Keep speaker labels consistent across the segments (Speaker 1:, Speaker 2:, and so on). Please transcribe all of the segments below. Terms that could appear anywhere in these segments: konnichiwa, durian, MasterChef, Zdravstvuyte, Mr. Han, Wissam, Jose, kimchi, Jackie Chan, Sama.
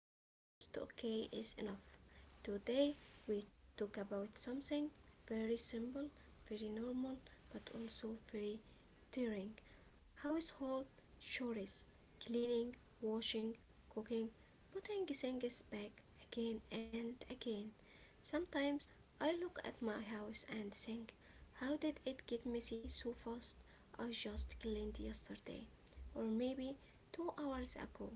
Speaker 1: Not perfect, just okay is enough. Today we talk about something very simple, very normal, but also very tiring. Household chores, cleaning, washing, cooking, putting things back again and again. Sometimes I look at my house and think, how did it get messy so fast? I just cleaned yesterday, or maybe 2 hours ago.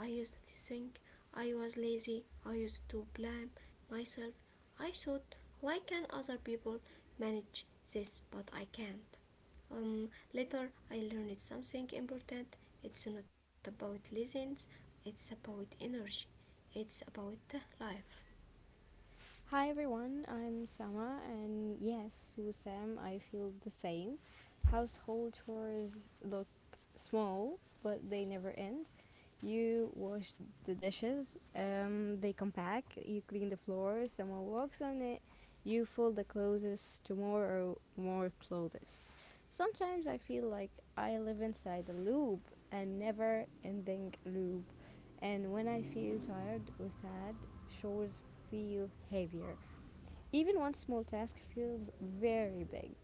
Speaker 1: I used to think I was lazy. I used to blame myself. I thought, why can other people manage this, but I can't? Later, I learned something important. It's not about laziness, it's about energy, it's about life.
Speaker 2: Hi everyone, I'm Sama, and yes, with Sam, I feel the same. Household chores look small, but they never end. You wash the dishes, they come back, you clean the floor, someone walks on it, you fold the clothes tomorrow, more or more clothes. Sometimes I feel like I live inside a loop, a never ending loop, and when I feel tired or sad, chores feel heavier. Even one small task feels very big.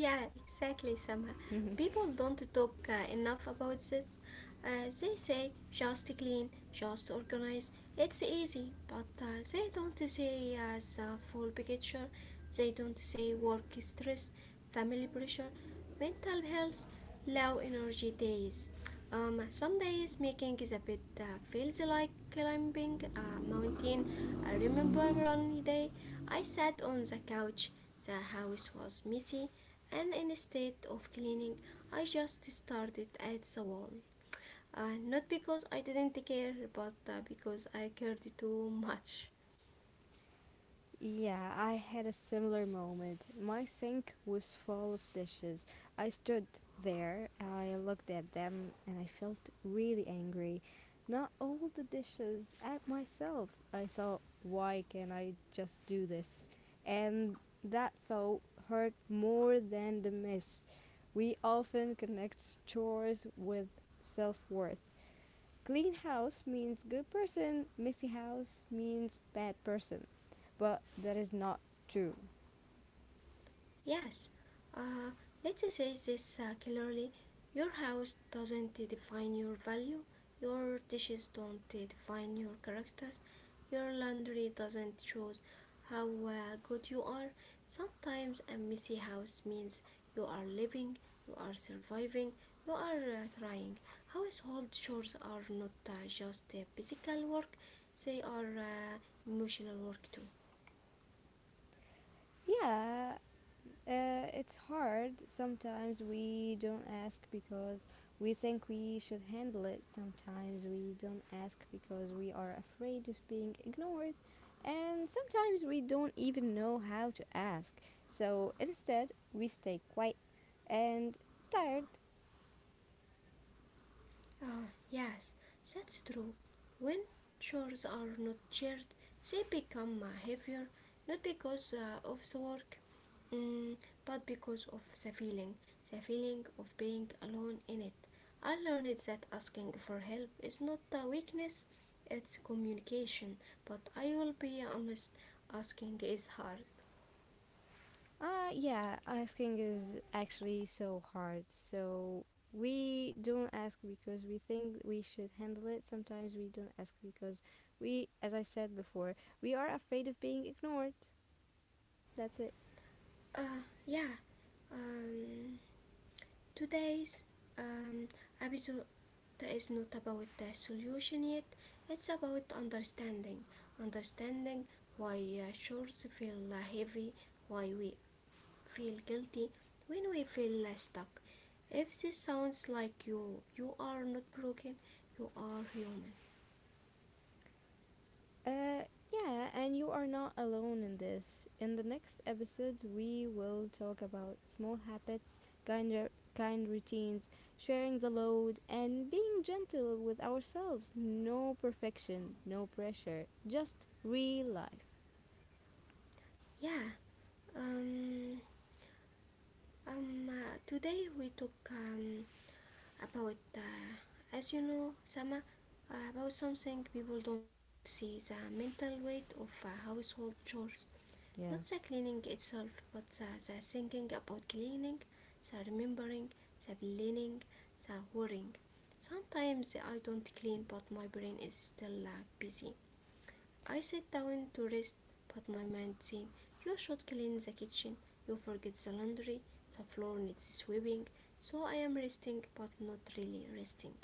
Speaker 1: Yeah, exactly, Sama. People don't talk enough about it. They say just clean, just organize. It's easy, but they don't say as the full picture. They don't say work stress, family pressure, mental health, low energy days. Some days making is a bit feels like climbing a mountain. I remember one day I sat on the couch. The house was messy, and instead of cleaning, I just started at the wall. Not because I didn't care, but because I cared too much.
Speaker 2: Yeah, I had a similar moment. My sink was full of dishes. I stood there, I looked at them, and I felt really angry. Not all the dishes at myself. I thought, why can't I just do this? And that thought hurt more than the mess. We often connect chores with self worth. Clean house means good person, messy house means bad person. But that is not true.
Speaker 1: Yes, uh, let's say this clearly. Your house doesn't define your value, your dishes don't define your characters, your laundry doesn't choose how good you are. Sometimes a messy house means you are living, you are surviving, you are trying. Household chores are not just physical work, they are emotional work too.
Speaker 2: Yeah, it's hard. Sometimes we don't ask because we think we should handle it. Sometimes we don't ask because we are afraid of being ignored. And sometimes we don't even know how to ask. So instead, we stay quiet and tired.
Speaker 1: Ah, yes, that's true. When chores are not shared, they become heavier, not because of the work, mm, but because of the feeling of being alone in it. I learned that asking for help is not a weakness, it's communication. But I will be honest, asking is hard.
Speaker 2: Yeah, asking is actually so hard. So we don't ask because we think we should handle it. Sometimes we don't ask because we, as I said before, we are afraid of being ignored. That's it.
Speaker 1: Yeah. Um, today's um, episode that is not about the solution yet, it's about understanding. Understanding why shores feel heavy, why we feel guilty when we feel stuck. If this sounds like you are not broken, you are human.
Speaker 2: Uh, yeah, and you are not alone in this. In the next episodes, we will talk about small habits, kind routines, sharing the load, and being gentle with ourselves. No perfection, no pressure, just real life.
Speaker 1: Yeah, um, today we talk about, as you know, Sama, about something people don't see, the mental weight of household chores. Not the
Speaker 2: Yeah.
Speaker 1: cleaning itself, but the thinking about cleaning, the remembering, the planning, the worrying. Sometimes I don't clean, but my brain is still busy. I sit down to rest, but my mind says, you should clean the kitchen, you forget the laundry, the floor needs sweeping. So I am resting but not really resting.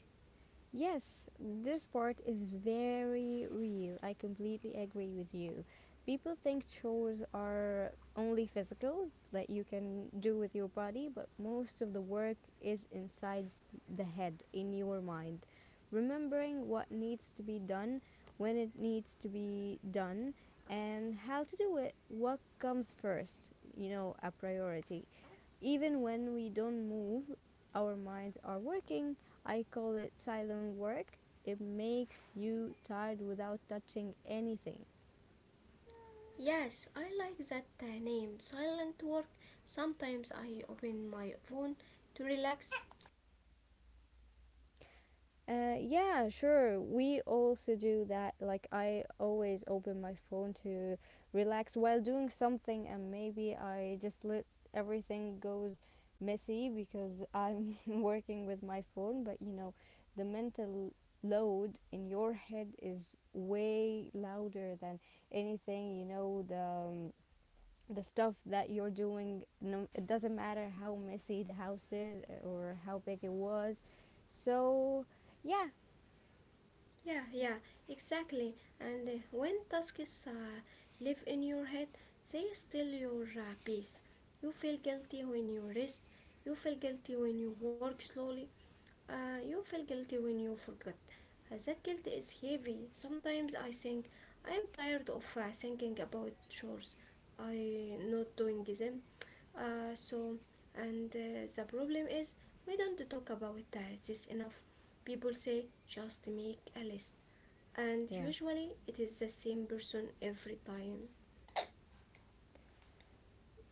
Speaker 2: Yes, this part is very real. I completely agree with you. People think chores are only physical, that you can do with your body, but most of the work is inside the head, in your mind. Remembering what needs to be done, when it needs to be done, and how to do it, what comes first, a priority. Even when we don't move, our minds are working. I call it silent work. It makes you tired without touching anything.
Speaker 1: Yes, I like that name, silent work. Sometimes I open my phone to relax.
Speaker 2: Yeah, sure. We also do that. Like, I always open my phone to relax while doing something, and maybe I just let everything goes messy because I'm working with my phone. But the mental load in your head is way louder than anything. The stuff that you're doing. No, it doesn't matter how messy the house is or how big it was. So yeah,
Speaker 1: Yeah, yeah, exactly. And when tasks live in your head, they steal your peace. You feel guilty when you rest. You feel guilty when you work slowly. You feel guilty when you forget. That guilt is heavy. Sometimes I think I am tired of thinking about chores. I not doing them. So, and the problem is we don't talk about this enough. People say just make a list, and
Speaker 2: yeah.
Speaker 1: usually it is the same person every time.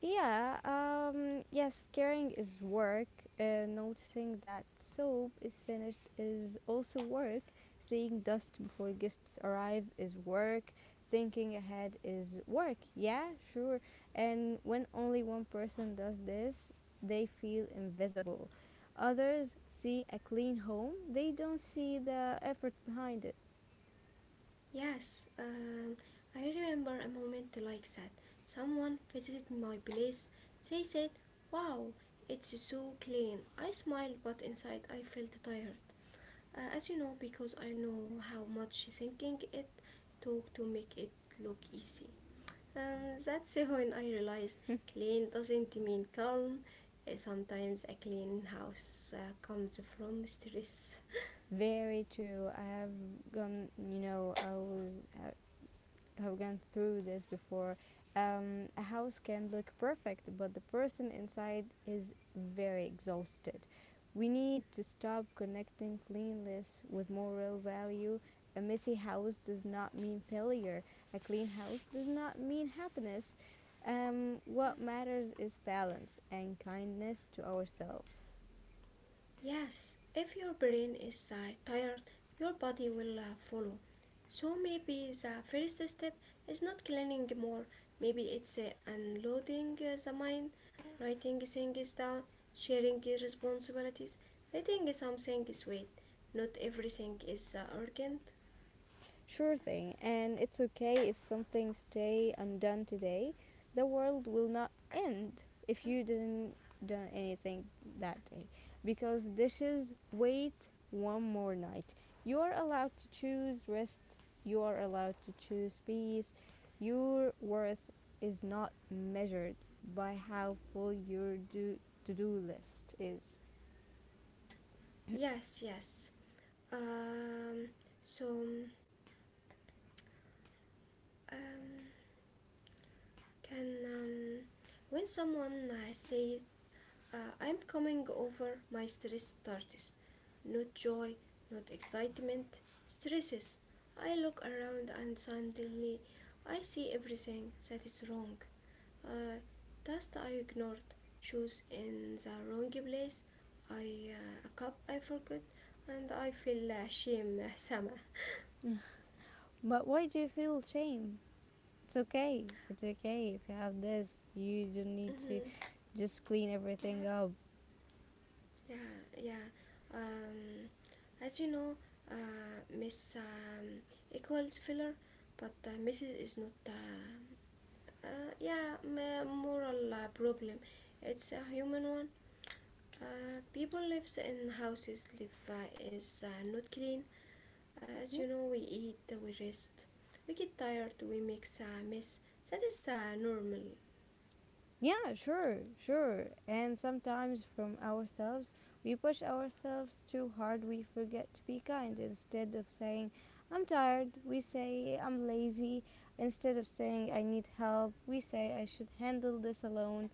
Speaker 2: Yeah, yes, caring is work. Noticing that soap is finished is also work. Seeing dust before guests arrive is work. Thinking ahead is work. Yeah, sure. And when only one person does this, they feel invisible. Others see a clean home, they don't see the effort behind it.
Speaker 1: Yes, I remember a moment like that. Someone visited my place. They said, "Wow, it's so clean." I smiled, but inside I felt tired. As you know, because I know how much thinking it took to make it look easy. That's when I realized clean doesn't mean calm. Sometimes a clean house comes from stress.
Speaker 2: Very true. I have gone, you know, I was have gone through this before. A house can look perfect, but the person inside is very exhausted. We need to stop connecting cleanliness with moral value. A messy house does not mean failure. A clean house does not mean happiness. What matters is balance and kindness to ourselves.
Speaker 1: Yes, if your brain is tired, your body will follow. So maybe the first step is not cleaning more, maybe it's unloading the mind, writing things down, sharing the responsibilities, letting some things wait. Not everything is urgent.
Speaker 2: Sure thing, and it's okay if something stay undone today. The world will not end if you didn't done anything that day because dishes wait one more night. You are allowed to choose rest, you are allowed to choose peace. Your worth is not measured by how full your to-do list is.
Speaker 1: Yes, yes. Um, so, um, can When someone says, I'm coming over, my stress starters. Not joy, not excitement, stresses. I look around and suddenly I see everything that is wrong. Uh, Dust I ignored, shoes in the wrong place, I a cup I forgot, and I feel shame somehow.
Speaker 2: But why do you feel shame? It's okay. It's okay if you have this. You don't need to
Speaker 1: Mhm.
Speaker 2: just clean
Speaker 1: Uh,
Speaker 2: everything up.
Speaker 1: Yeah, yeah. Um, as you know, Miss equals filler, but Mrs. is not. Yeah, moral problem. It's a human one. People lives in houses. Live is not clean.
Speaker 2: Yeah.
Speaker 1: As you know, we eat, we rest, we get tired, we make a mess. That is normal.
Speaker 2: Yeah, sure, sure. And sometimes from ourselves, we push ourselves too hard. We forget to be kind. Instead of saying, I'm tired, we say, I'm lazy. Instead of saying, I need help, we say, I should handle this alone.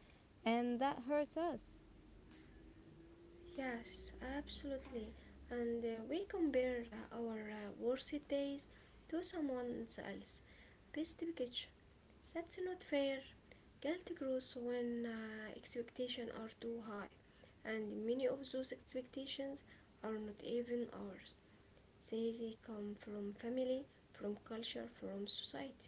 Speaker 2: And that hurts us.
Speaker 1: Yes, absolutely. And we compare our worst days to someone else's best picture. That's not fair. Guilt grows when expectations are too high, and many of those expectations are not even ours. They come from family, from culture, from society.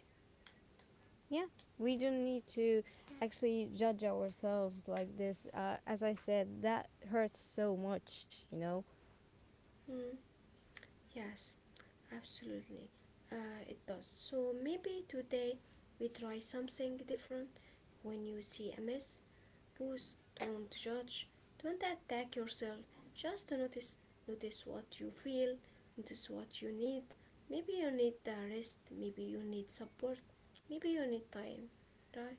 Speaker 2: Yeah, we don't need to actually judge ourselves like this. As I said, that hurts so much, you know?
Speaker 1: Hmm. Yes, absolutely. It does. So maybe today we try something different. When you see a mess, pause, don't judge, don't attack yourself. Just notice, notice what you feel, notice what you need. Maybe you need the rest, maybe you need support, maybe you need time, right?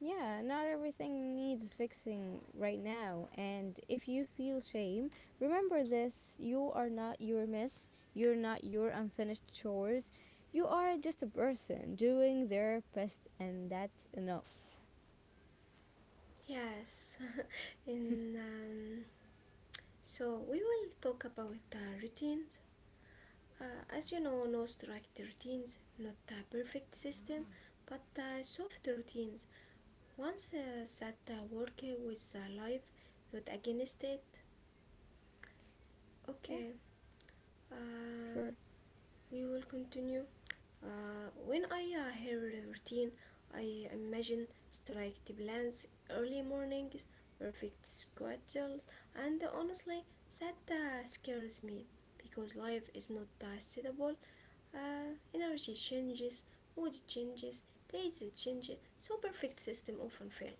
Speaker 2: Yeah, not everything needs fixing right now. And if you feel shame, remember this you are not your mess, you're not your unfinished chores. You are just a person doing their best, and that's enough.
Speaker 1: Yes, and so we will talk about routines. Uh, as you know, no strict routines, not a perfect system, but soft routines. Once that work with life, not against it.
Speaker 2: Yeah,
Speaker 1: Okay, uh,
Speaker 2: sure.
Speaker 1: we will continue. When I hear routine, I imagine strict plans, early mornings, perfect schedules, and honestly, that scares me because life is not suitable. Energy changes, mood changes, days change. So perfect system often fail.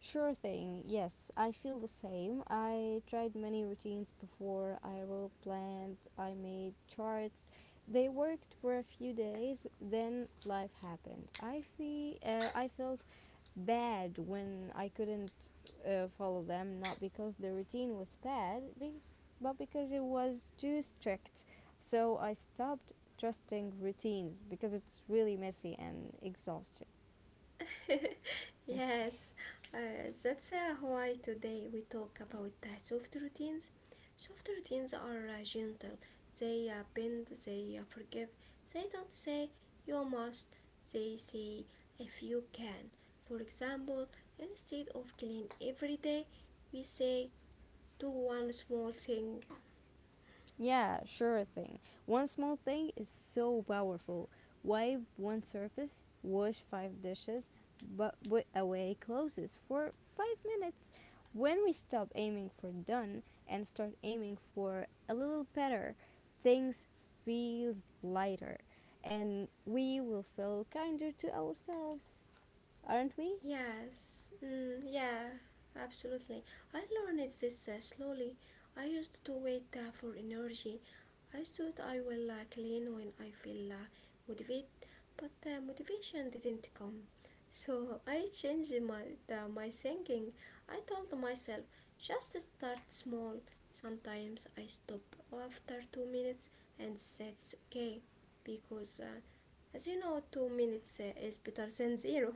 Speaker 2: Sure thing. Yes, I feel the same. I tried many routines before. I wrote plans, I made charts. They worked for a few days, then life happened. I felt bad when I couldn't follow them, not because the routine was bad, but because it was too strict. So I stopped trusting routines because it's really messy and exhausting.
Speaker 1: Yes, that's why today we talk about soft routines. Soft routines are gentle. They bend. They forgive. They don't say you must. They say if you can. For example, instead of clean every day, we say do one small thing.
Speaker 2: Yeah, sure thing. One small thing is so powerful. Wipe one surface, wash five dishes, but put away clothes for 5 minutes. When we stop aiming for done and start aiming for a little better, things feels lighter and we will feel kinder to ourselves, aren't we?
Speaker 1: Yes, yeah, absolutely. I learned this slowly. I used to wait for energy. I thought I will clean when I feel motivated, but motivation didn't come. So I changed my thinking. I told myself just start small. Sometimes I stop after 2 minutes, and that's okay, because as you know, 2 minutes is better than zero.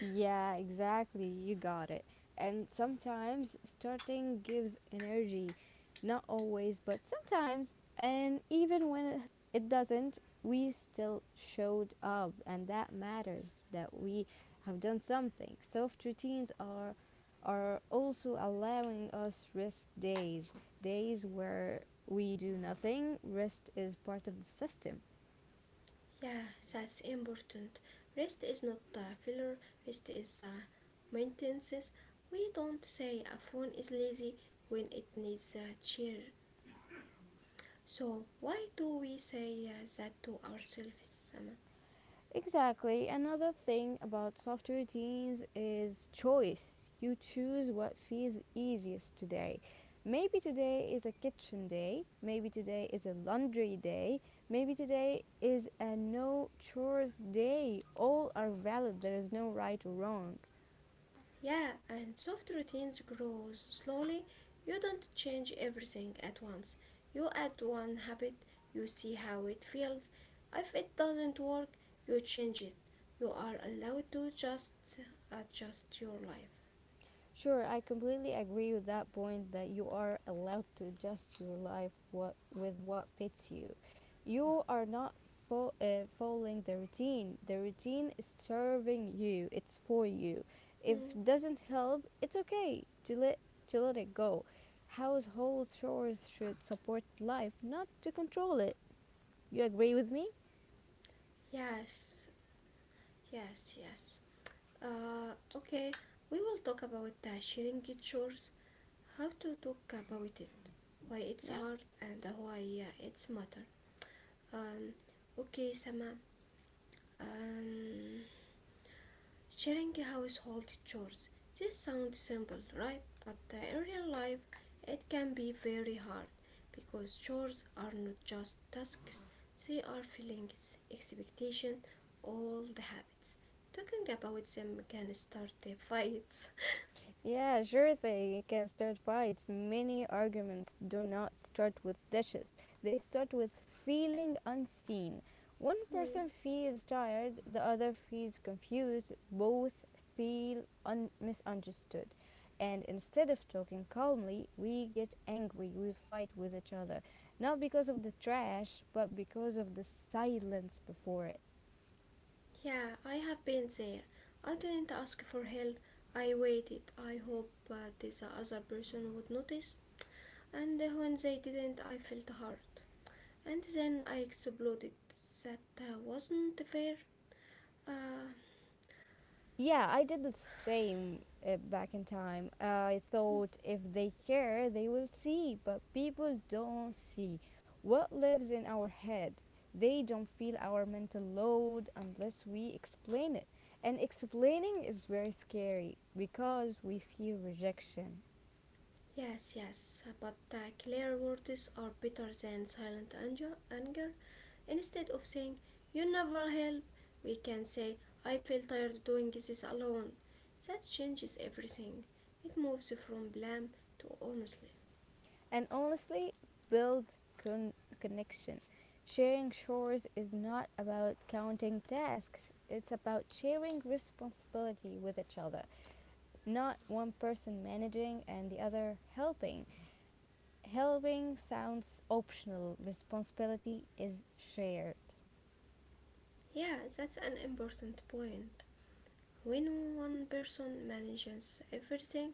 Speaker 2: Yeah, exactly. You got it. And sometimes starting gives energy. Not always, but sometimes. And even when it doesn't, we still showed up. And that matters that we have done something. Soft routines are also allowing us rest days, days where we do nothing. Rest is part of the system.
Speaker 1: Yeah, that's important. Rest is not a filler, rest is a maintenance. We don't say a phone is lazy when it needs a chair. So, why do we say that to ourselves, Sama?
Speaker 2: Exactly. Another thing about soft routines is choice. You choose what feels easiest today. Maybe today is a kitchen day, maybe today is a laundry day, maybe today is a no chores day. All are valid, there is no right or wrong.
Speaker 1: Yeah, and soft routines grow slowly. You don't change everything at once. You add one habit, you see how it feels. If it doesn't work, you change it. You are allowed to just adjust your life.
Speaker 2: Sure, I completely agree with that point that you are allowed to adjust your life what, with what fits you. You are not following the routine. The routine is serving you. It's for you. If
Speaker 1: Mm,
Speaker 2: it doesn't help, it's okay to let it go. Household chores should support life, not to control it. You agree with me?
Speaker 1: yes, yes, yes. Okay, we will talk about sharing chores, how to talk about it, why it's
Speaker 2: Yeah.
Speaker 1: hard, and why it's matter. Um, okay, Sama. Um, Sharing household chores. This sounds simple, right? But in real life, it can be very hard because chores are not just tasks, they are feelings, expectations, all the habits. Talking about them can start the fights.
Speaker 2: Yeah, sure they can start fights. Many arguments do not start with dishes, they start with feeling unseen. One
Speaker 1: Hmm,
Speaker 2: person feels tired, the other feels confused, both feel misunderstood. And instead of talking calmly, we get angry, we fight with each other. Not because of the trash, but because of the silence before it.
Speaker 1: yeah, I have been there. I didn't ask for help. I waited. I hoped this other person would notice. And when they didn't, I felt hurt. And then I exploded. That wasn't fair. Uh,
Speaker 2: Yeah, I did the same back in time. I thought if they care, they will see, but people don't see what lives in our head. They don't feel our mental load unless we explain it. And explaining is very scary because we fear rejection.
Speaker 1: yes, yes, but clear words are better than silent anger. Instead of saying, you never help, we can say, I feel tired doing this alone. That changes everything. It moves from blame to honestly.
Speaker 2: And honestly, build con- connection. Sharing chores is not about counting tasks, it's about sharing responsibility with each other. Not one person managing and the other helping. Helping sounds optional, responsibility is shared.
Speaker 1: Yeah, that's an important point. When one person manages everything,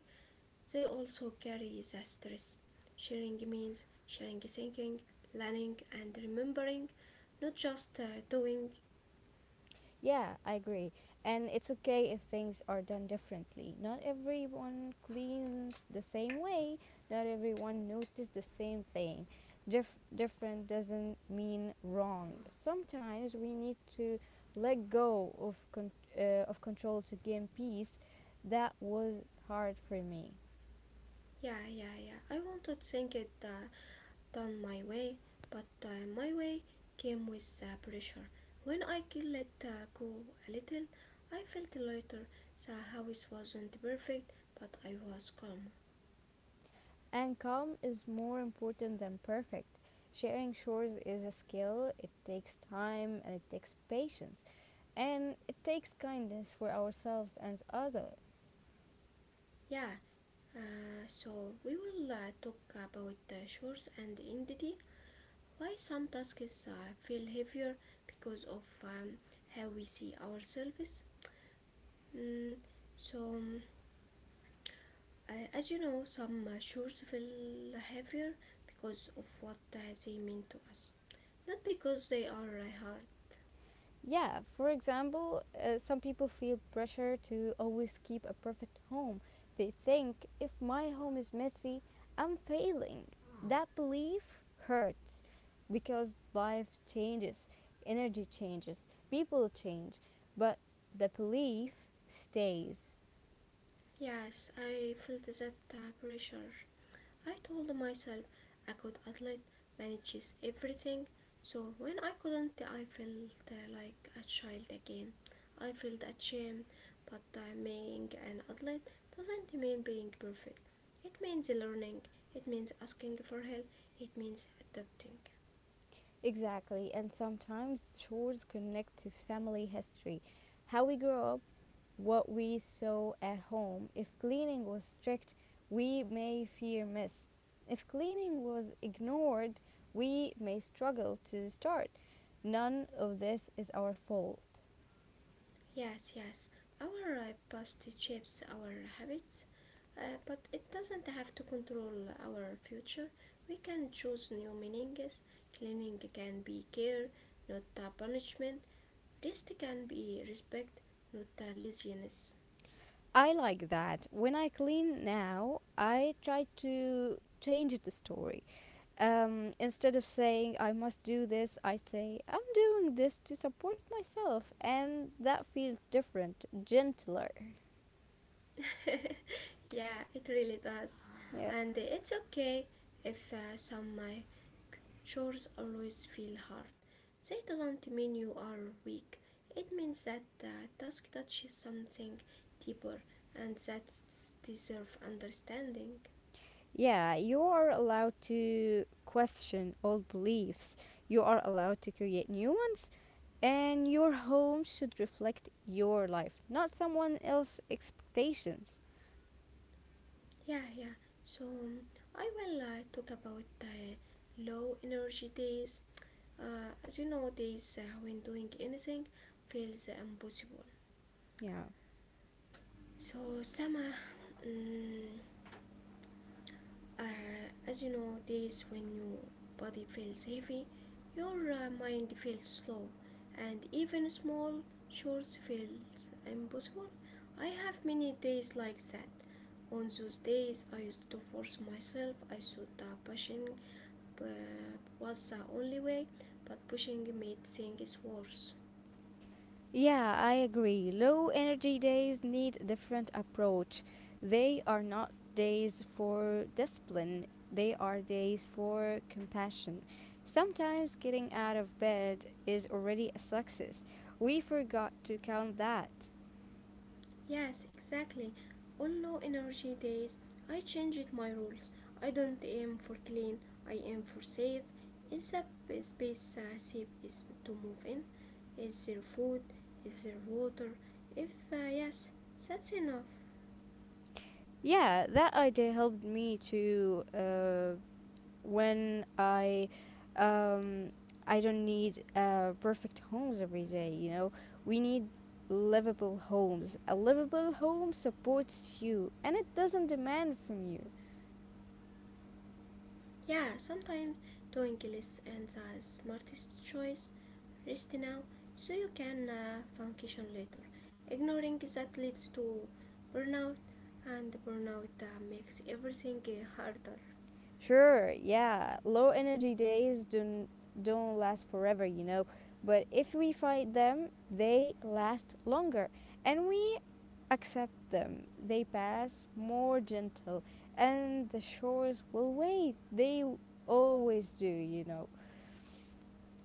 Speaker 1: they also carry the stress. Sharing means sharing thinking, planning, and remembering, not just doing.
Speaker 2: Yeah, I agree. And it's okay if things are done differently. Not everyone cleans the same way, not everyone notices the same thing. Different doesn't mean wrong. Sometimes we need to let go of control to gain peace. That was hard for me.
Speaker 1: Yeah, yeah, yeah, I want to think it done my way, but my way came with pressure. When I could let go a little, I felt lighter. The house wasn't perfect, but I was calm.
Speaker 2: And calm is more important than perfect. Sharing chores is a skill, it takes time and it takes patience. And it takes kindness for ourselves and other.
Speaker 1: Yeah, so we will talk about chores and identity, why some tasks feel heavier because of how we see ourselves. Mm, so, um, as you know, some chores feel heavier because of what they mean to us, not because they are hard.
Speaker 2: Yeah, for example, some people feel pressure to always keep a perfect home. They think if my home is messy, I'm failing. That belief hurts because life changes, energy changes, people change, but the belief stays.
Speaker 1: Yes, I felt that pressure. I told myself a good athlete manages everything, so when I couldn't, I felt like a child again. I felt ashamed, but being an athlete doesn't mean being perfect. It means learning, it means asking for help, it means adapting.
Speaker 2: Exactly, and sometimes chores connect to family history, how we grow up what we sow at home. If cleaning was strict, we may fear miss. If cleaning was ignored, we may struggle to start. None of this is our fault.
Speaker 1: Yes, yes. Our past shapes our habits, but it doesn't have to control our future. We can choose new meanings. Cleaning can be care, not punishment. Rest can be respect, not laziness.
Speaker 2: I like that. When I clean now, I try to change the story. Instead of saying I must do this, I say I'm doing this to support myself, and that feels different, gentler.
Speaker 1: Yeah, it really does.
Speaker 2: Yeah.
Speaker 1: And it's okay if some chores always feel hard. That doesn't mean you are weak. It means that the task touches something deeper, and that deserve understanding.
Speaker 2: Yeah, you are allowed to question old beliefs. You are allowed to create new ones. And your home should reflect your life, not someone else's expectations.
Speaker 1: Yeah, yeah. So I will talk about the low energy days. As you know, days when doing anything feels impossible.
Speaker 2: Yeah.
Speaker 1: So Sama, mm, Uh, as you know, days when your body feels heavy, your mind feels slow, and even small chores feels impossible. I have many days like that. On those days, I used to force myself. I thought that pushing uh, was the only way, but pushing made things worse.
Speaker 2: Yeah, I agree. Low energy days need a different approach. They are not days for discipline, they are days for compassion. Sometimes getting out of bed is already a success. We forgot to count that.
Speaker 1: Yes, exactly. On low energy days, I changed my rules. I don't aim for clean, I aim for safe. Is the space safe is to move in? Is there food? Is there water? If yes, that's enough.
Speaker 2: Yeah, that idea helped me too. When I, um, I don't need perfect homes every day. We need livable homes. A livable home supports you, and it doesn't demand from you.
Speaker 1: Yeah, sometimes doing less and the smartest choice. Rest now so you can function later. Ignoring that leads to burnout, and burnout makes everything harder.
Speaker 2: Sure, yeah, low energy days don't last forever. But if we fight them, they last longer, and we accept them. They pass more gentle, and the shores will wait. They always do.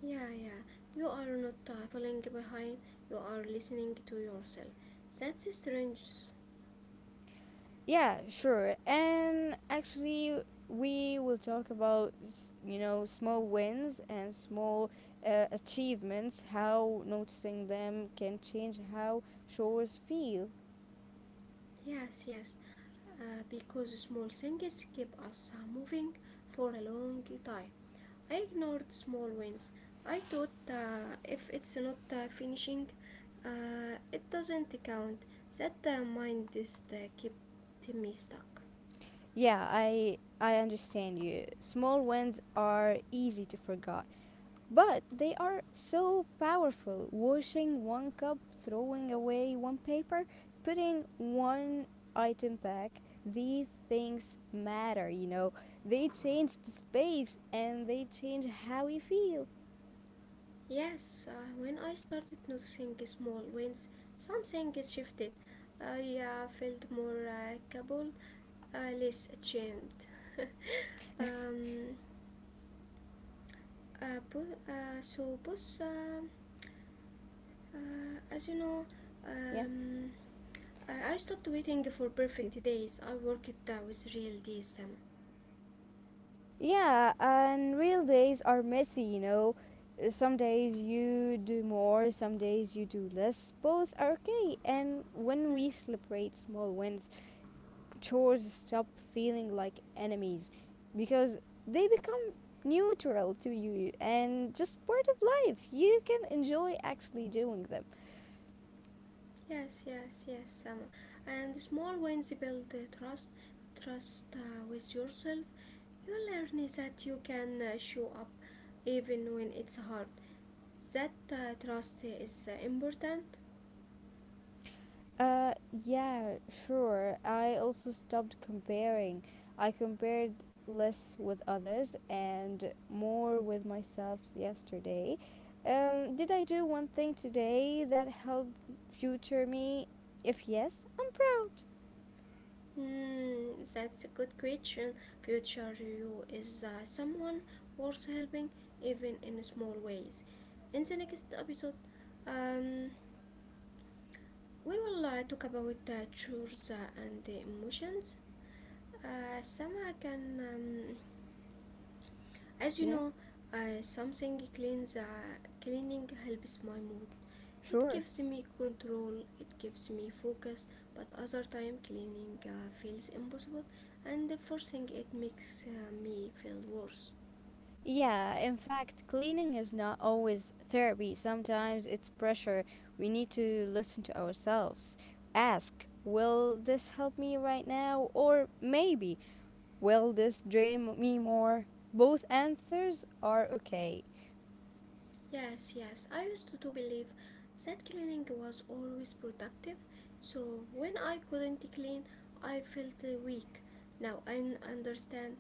Speaker 1: Yeah, yeah, you are not falling behind, you are listening to yourself. That's strange.
Speaker 2: Yeah, sure. And actually, we will talk about small wins and small achievements. How noticing them can change how shores feel.
Speaker 1: Yes, yes, because small things keep us moving for a long time. I ignored small wins. I thought if it's not finishing, it doesn't count. That mind is kept me stuck.
Speaker 2: Yeah, I understand you. Small wins are easy to forget, but they are so powerful. Washing one cup, throwing away one paper, putting one item back, these things matter. They change the space and they change how you feel.
Speaker 1: Yes, when I started noticing small wins, something shifted. I felt more capable, less ashamed. Um, uh, bo- uh, so, boss, uh, as you know,
Speaker 2: Yeah.
Speaker 1: um, I stopped waiting for
Speaker 2: y-
Speaker 1: perfect days. I worked with real days, Sama.
Speaker 2: Yeah, and real days are messy. Some days you do more, some days you do less. Both are okay. And when
Speaker 1: Mm,
Speaker 2: we celebrate small wins, chores stop feeling like enemies because they become neutral to you and just part of life. You can enjoy actually doing them.
Speaker 1: yes, yes, yes, Sama. And small wins build trust, trust with yourself. You learn that you can show up even when it's hard. That trust is important.
Speaker 2: Yeah, sure. I also stopped comparing. I compared less with others and more with myself yesterday. Did I do one thing today that helped future me? If yes, I'm proud.
Speaker 1: Hmm, that's a good question. Future you is someone worth helping, even in small ways. In the next episode, um, we will talk about the chores and the emotions. Sama can, as you
Speaker 2: Yeah,
Speaker 1: know, something cleans. Cleaning helps my mood. It
Speaker 2: sure.
Speaker 1: gives me control. It gives me focus. But other time, cleaning feels impossible, and forcing it makes me feel worse.
Speaker 2: Yeah, in fact, cleaning is not always therapy. Sometimes it's pressure. We need to listen to ourselves. Ask, will this help me right now? Or maybe, will this drain me more? Both answers are okay.
Speaker 1: Yes, yes. I used to believe that cleaning was always productive. So when I couldn't clean, I felt weak. Now I understand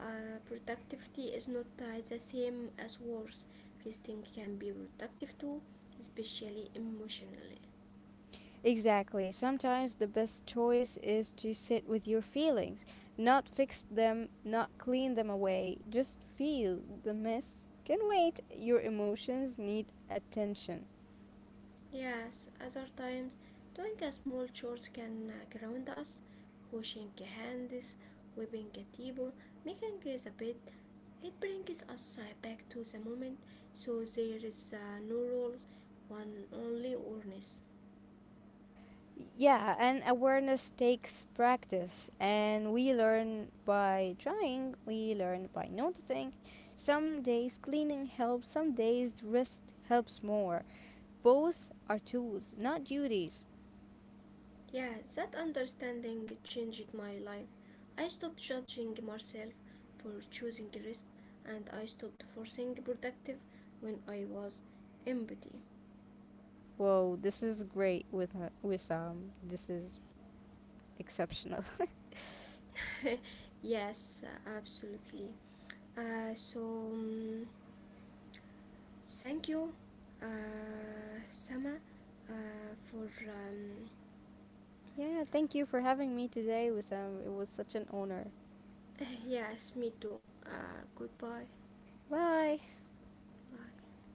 Speaker 1: productivity is not the same as worth. Resting can be productive too, especially emotionally.
Speaker 2: Exactly. Sometimes the best choice is to sit with your feelings, not fix them, not clean them away. Just feel the mess. Can wait. Your emotions need attention.
Speaker 1: Yes, other times doing a small chores can ground us, washing hands, wiping a table, making the bed. It brings us back to the moment, so there is no rules, one only awareness.
Speaker 2: Yeah, and awareness takes practice, and we learn by trying, we learn by noticing. Some days cleaning helps, some days rest helps more. Both are tools, not duties.
Speaker 1: Yeah, that understanding changed my life. I stopped judging myself for choosing rest, and I stopped forcing productive when I was empty.
Speaker 2: Whoa, this is great with Wissam. This is exceptional.
Speaker 1: Yes, absolutely. Uh, so, um, Thank you, uh, Sama, for.
Speaker 2: Yeah, thank you for having me today, Wissam. It was such an honor.
Speaker 1: Yes, me too. Goodbye.
Speaker 2: Bye.
Speaker 1: Bye.